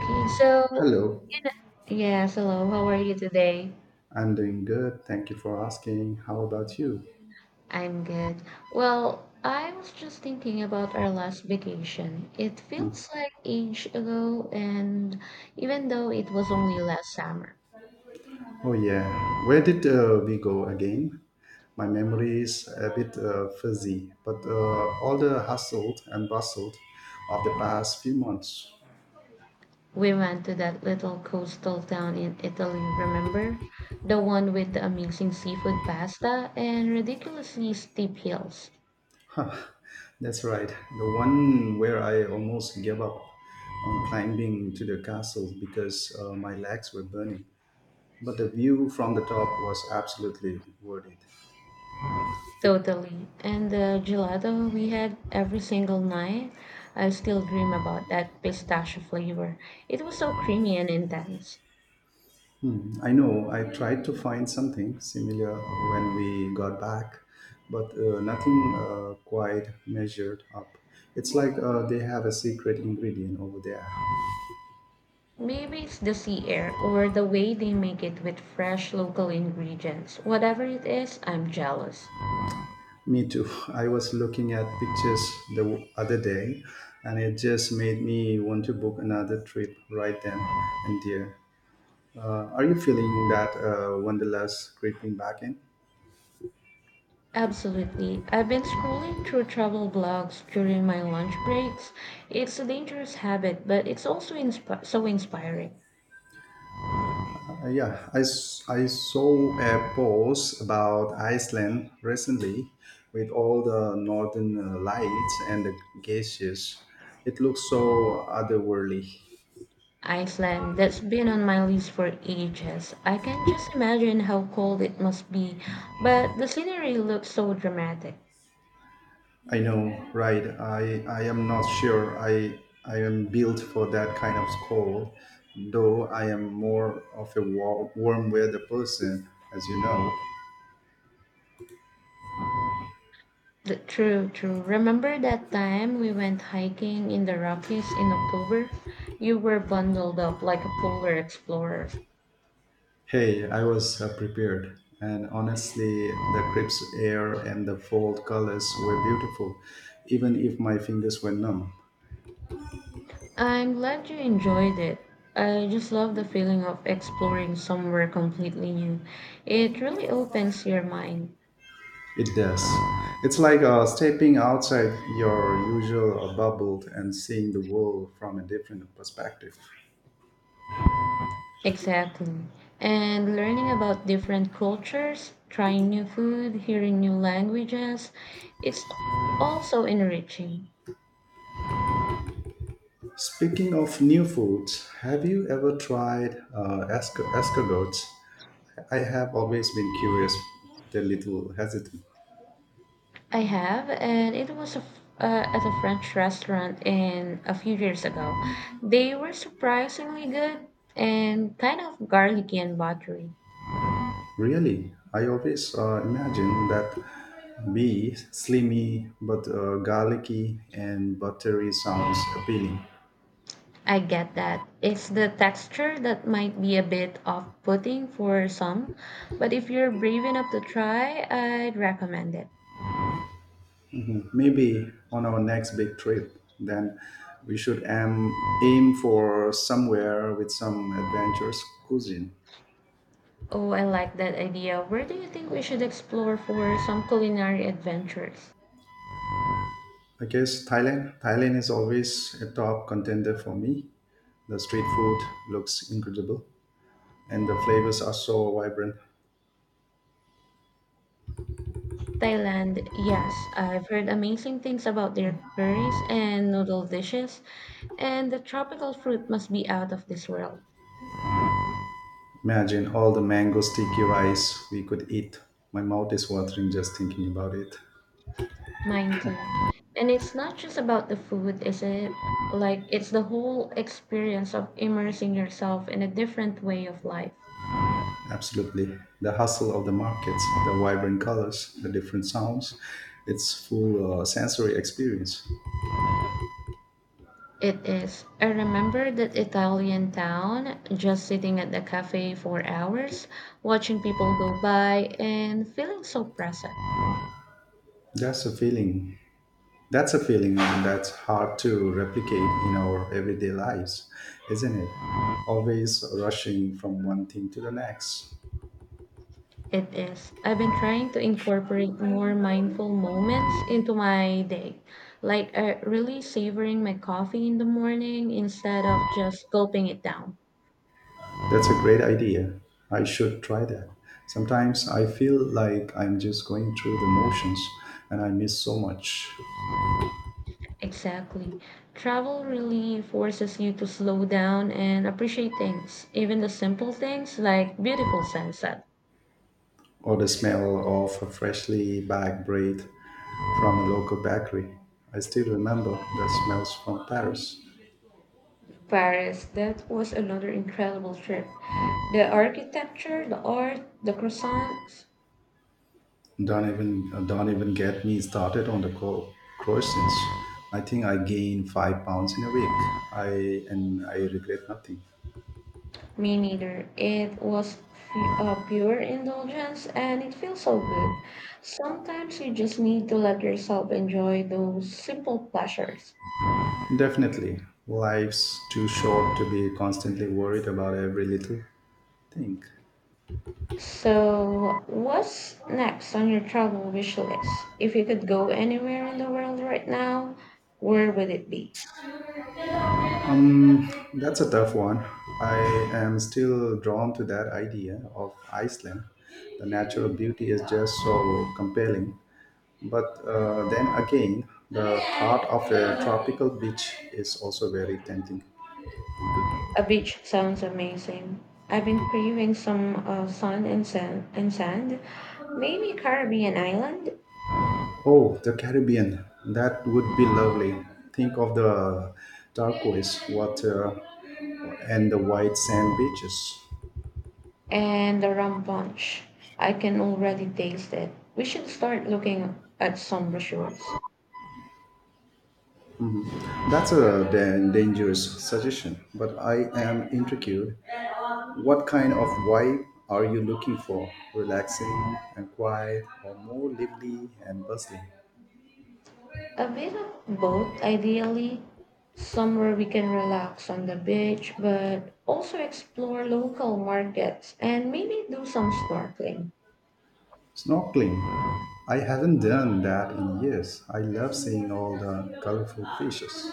Okay, so Hello, you know, yes, hello. How are you today? I'm doing good. Thank you for asking. How about you? I'm good. Well, I was just thinking about our last vacation. It Mm. feels like age ago, and even though it was only last summer, Oh, yeah. Where did we go again? My memory is a bit fuzzy, but all the hustle and bustle of the past few months. we went to that little coastal town in Italy. Remember, the one with the amazing seafood pasta and ridiculously steep hills. Huh, that's right. The one where I almost gave up on climbing to the castle because my legs were burning. But the view from the top was absolutely worth it. Totally. And the gelato we had every single night, I still dream about that pistachio flavor. It was so creamy and intense. Mm, I know. I tried to find something similar when we got back, but nothing quite measured up. It's like they have a secret ingredient over there. Maybe it's the sea air or the way they make it with fresh local ingredients. Whatever it is, I'm jealous. Me too. I was looking at pictures the other day, and it just made me want to book another trip right then and there. Are you feeling that wanderlust creeping back in? Absolutely. I've been scrolling through travel blogs during my lunch breaks. It's a dangerous habit, but it's also so inspiring. Yeah, I saw a post about Iceland recently with all the northern lights and the glaciers. It looks so otherworldly. Iceland, that's been on my list for ages. I can just imagine how cold it must be, but the scenery looks so dramatic. I know, right? I am not sure I am built for that kind of cold, though I am more of a warm weather person, as you know. True, true. Remember that time we went hiking in the Rockies in October? You were bundled up like a polar explorer. Hey, I was prepared, and honestly, the crisp air and the fall colors were beautiful, even if my fingers were numb. I'm glad you enjoyed it. I just love the feeling of exploring somewhere completely new. It really opens your mind. It does. It's like stepping outside your usual bubble and seeing the world from a different perspective. Exactly. And learning about different cultures, trying new food, hearing new languages, it's also enriching. Speaking of new foods, have you ever tried escargots? I have always been curious, the little hesitant. I have, and it was a f at a French restaurant in a few years ago. They were surprisingly good and kind of garlicky and buttery. Really, I always imagine that be slimy but garlicky and buttery sounds appealing. I get that. It's the texture that might be a bit off-putting for some, but if you're brave enough to try, I'd recommend it. Hmm. Maybe on our next big trip, then we should aim for somewhere with some adventurous cuisine. Oh, I like that idea. Where do you think we should explore for some culinary adventures? I guess Thailand. Thailand is always a top contender for me. The street food looks incredible, and the flavors are so vibrant. Thailand, yes. I've heard amazing things about their curries and noodle dishes, and the tropical fruit must be out of this world. Imagine all the mango sticky rice we could eat. My mouth is watering just thinking about it. Mine too. And it's not just about the food, is it? Like, it's the whole experience of immersing yourself in a different way of life. Absolutely. The hustle of the markets, the vibrant colors, the different sounds, it's full sensory experience. It is. I remember that Italian town, just sitting at the cafe for hours, watching people go by and feeling so present. That's a feeling. That's a feeling that's hard to replicate in our everyday lives, isn't it? Always rushing from one thing to the next. It is. I've been trying to incorporate more mindful moments into my day, like really savoring my coffee in the morning instead of just gulping it down. That's a great idea. I should try that. Sometimes I feel like I'm just going through the motions and I miss so much. Exactly. Travel really forces you to slow down and appreciate things, even the simple things like beautiful sunset. Or the smell of a freshly baked bread from a local bakery. I still remember the smells from Paris. Paris, that was another incredible trip. The architecture, the art, the croissants, Don't even get me started on the croissants. I think I gained 5 pounds in a week. I and I regret nothing. me neither. It was pure indulgence and it feels so good. Sometimes you just need to let yourself enjoy those simple pleasures. Definitely. Life's too short to be constantly worried about every little thing. So, what's next on your travel wish list? If you could go anywhere in the world right now, where would it be? Um, that's a tough one. I am still drawn to that idea of Iceland. The natural beauty is just so compelling. But then again, the thought of a tropical beach is also very tempting. A beach sounds amazing. I've been craving some sun and sand, maybe Caribbean island Oh, the Caribbean. That would be lovely. Think of the turquoise water and the white sand beaches. and the rum punch. I can already taste it. We should start looking at some brochures. That's a dangerous suggestion, but I am intrigued. What kind of vibe are you looking for? Relaxing and quiet, or more lively and bustling? A bit of both, ideally, somewhere we can relax on the beach, but also explore local markets and maybe do some snorkeling. Snorkeling. I haven't done that in years. I love seeing all the colorful fishes.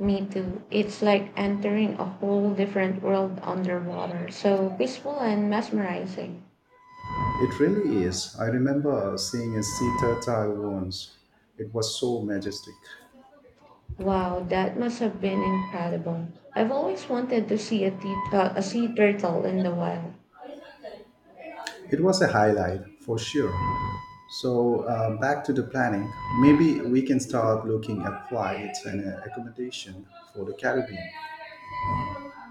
Me too. It's like entering a whole different world underwater. So peaceful and mesmerizing. It really is. I remember seeing a sea turtle once. It was so majestic. Wow, that must have been incredible. I've always wanted to see a sea turtle in the wild. It was a highlight for sure. So, back to the planning. Maybe we can start looking at flights and accommodation for the Caribbean.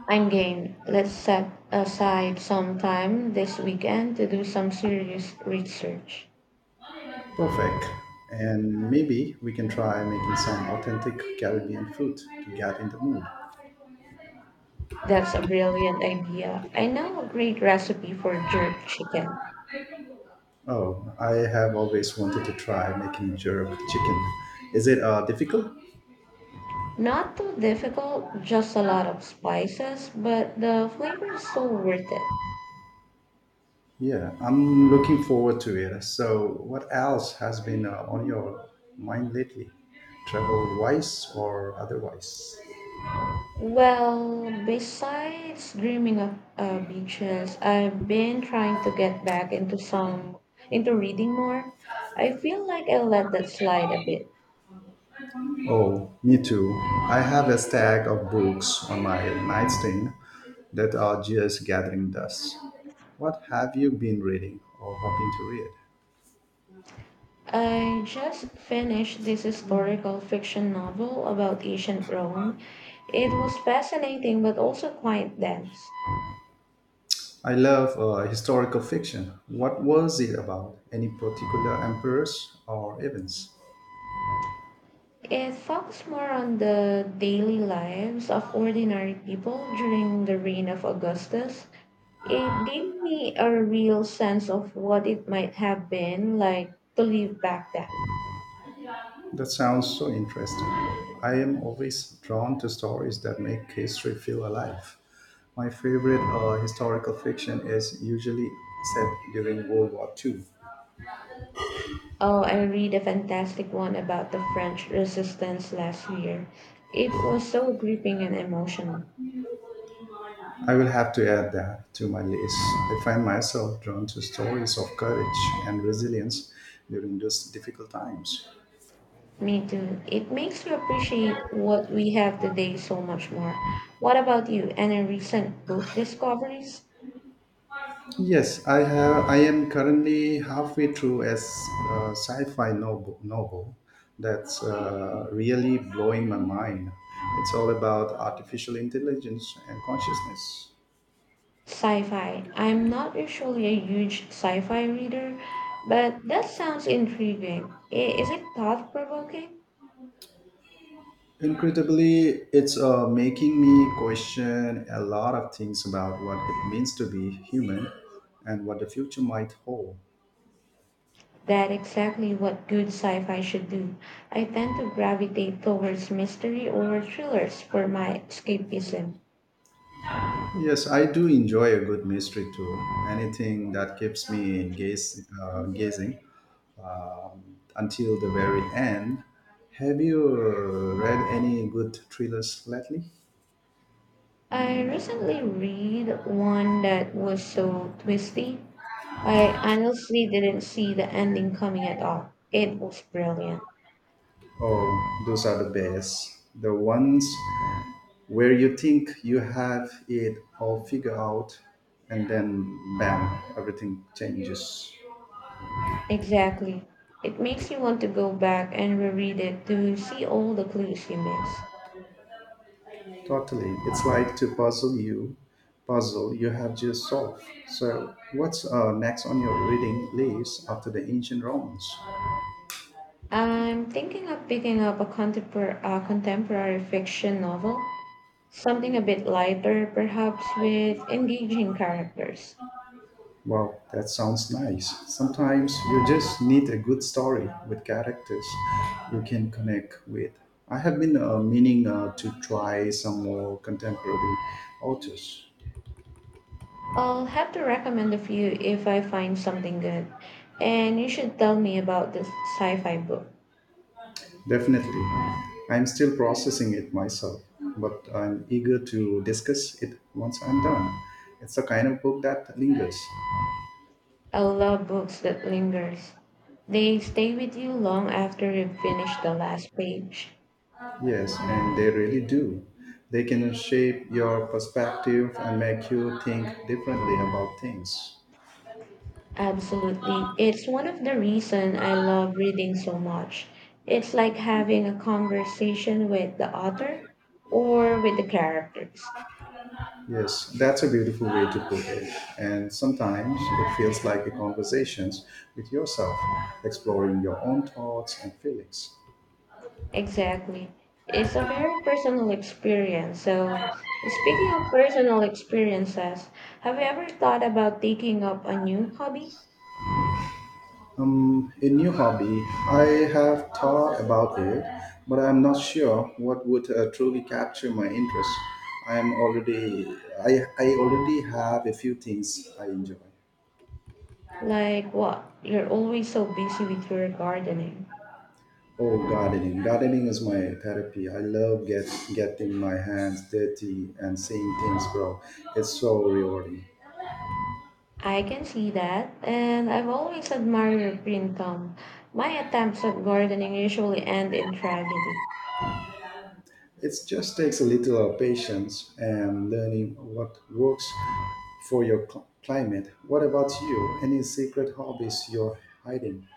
I'm game. Let's set aside some time this weekend to do some serious research. Perfect. And maybe we can try making some authentic Caribbean food to get in the mood. That's a brilliant idea. I know a great recipe for jerk chicken. Oh, I have always wanted to try making jerk chicken. Is it difficult? Not too difficult, just a lot of spices, but the flavor is so worth it. Yeah, I'm looking forward to it. So, what else has been on your mind lately, travel wise or otherwise? Well, besides dreaming of beaches, I've been trying to get back into reading more. I feel like I let that slide a bit. Oh, me too. I have a stack of books on my nightstand that are just gathering dust. What have you been reading or hoping to read? I just finished this historical fiction novel about ancient Rome. It was fascinating but also quite dense. I love historical fiction. What was it about? Any particular emperors or events? It focused more on the daily lives of ordinary people during the reign of Augustus. It gave me a real sense of what it might have been like to live back then. That sounds so interesting. I am always drawn to stories that make history feel alive. My favorite historical fiction is usually set during World War II. Oh, I read a fantastic one about the French resistance last year. It was so gripping and emotional. I will have to add that to my list. I find myself drawn to stories of courage and resilience during those difficult times. Me too. It makes you appreciate what we have today so much more. What about you? Any recent book discoveries? Yes, I have. I am currently halfway through a sci-fi novel that's really blowing my mind. It's all about artificial intelligence and consciousness. Sci fi. I'm not usually a huge sci fi reader, but that sounds intriguing. Is it thought provoking? Incredibly, it's making me question a lot of things about what it means to be human and what the future might hold. That exactly what good sci fi should do. I tend to gravitate towards mystery or thrillers for my escapism. Yes, I do enjoy a good mystery too. Anything that keeps me gazing until the very end. Have you read any good thrillers lately? I recently read one that was so twisty, I honestly didn't see the ending coming at all. It was brilliant. Oh, those are the best. The ones where you think you have it all figured out, and then bam, everything changes. Exactly. It makes you want to go back and reread it to see all the clues you missed. Totally. It's like to puzzle you have just solved. So what's next on your reading list after the ancient Romans? I'm thinking of picking up a contemporary fiction novel. Something a bit lighter, perhaps with engaging characters. Wow, that sounds nice. Sometimes you just need a good story with characters you can connect with. I have been meaning to try some more contemporary authors. I'll have to recommend a few if I find something good. And you should tell me about the sci-fi book. Definitely. I'm still processing it myself, but I'm eager to discuss it once I'm done. It's the kind of book that lingers. I love books that lingers. They stay with you long after you've finished the last page. Yes, and they really do. They can shape your perspective and make you think differently about things. Absolutely. It's one of the reasons I love reading so much. It's like having a conversation with the author or with the characters. Yes, that's a beautiful way to put it. And sometimes it feels like a conversation with yourself, exploring your own thoughts and feelings. Exactly. It's a very personal experience. So, speaking of personal experiences, have you ever thought about taking up a new hobby? A new hobby. I have thought about it, but I'm not sure what would truly capture my interest. I'm already I already have a few things I enjoy. Like what? You're always so busy with your gardening. Oh, gardening. Gardening is my therapy. I love getting my hands dirty and seeing things grow. It's so rewarding. I can see that, and I've always admired your green thumb. My attempts at gardening usually end in tragedy. It just takes a little patience and learning what works for your climate. What about you? Any secret hobbies you're hiding?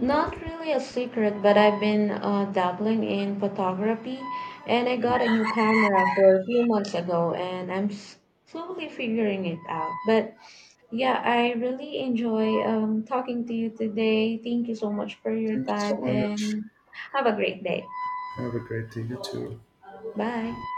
Not really a secret, but I've been dabbling in photography and I got a new camera for a few months ago and I'm slowly figuring it out. But yeah, I really enjoy talking to you today. Thank you so much for your Thank you so time much. and have a great day. Have a great day, you too. Bye.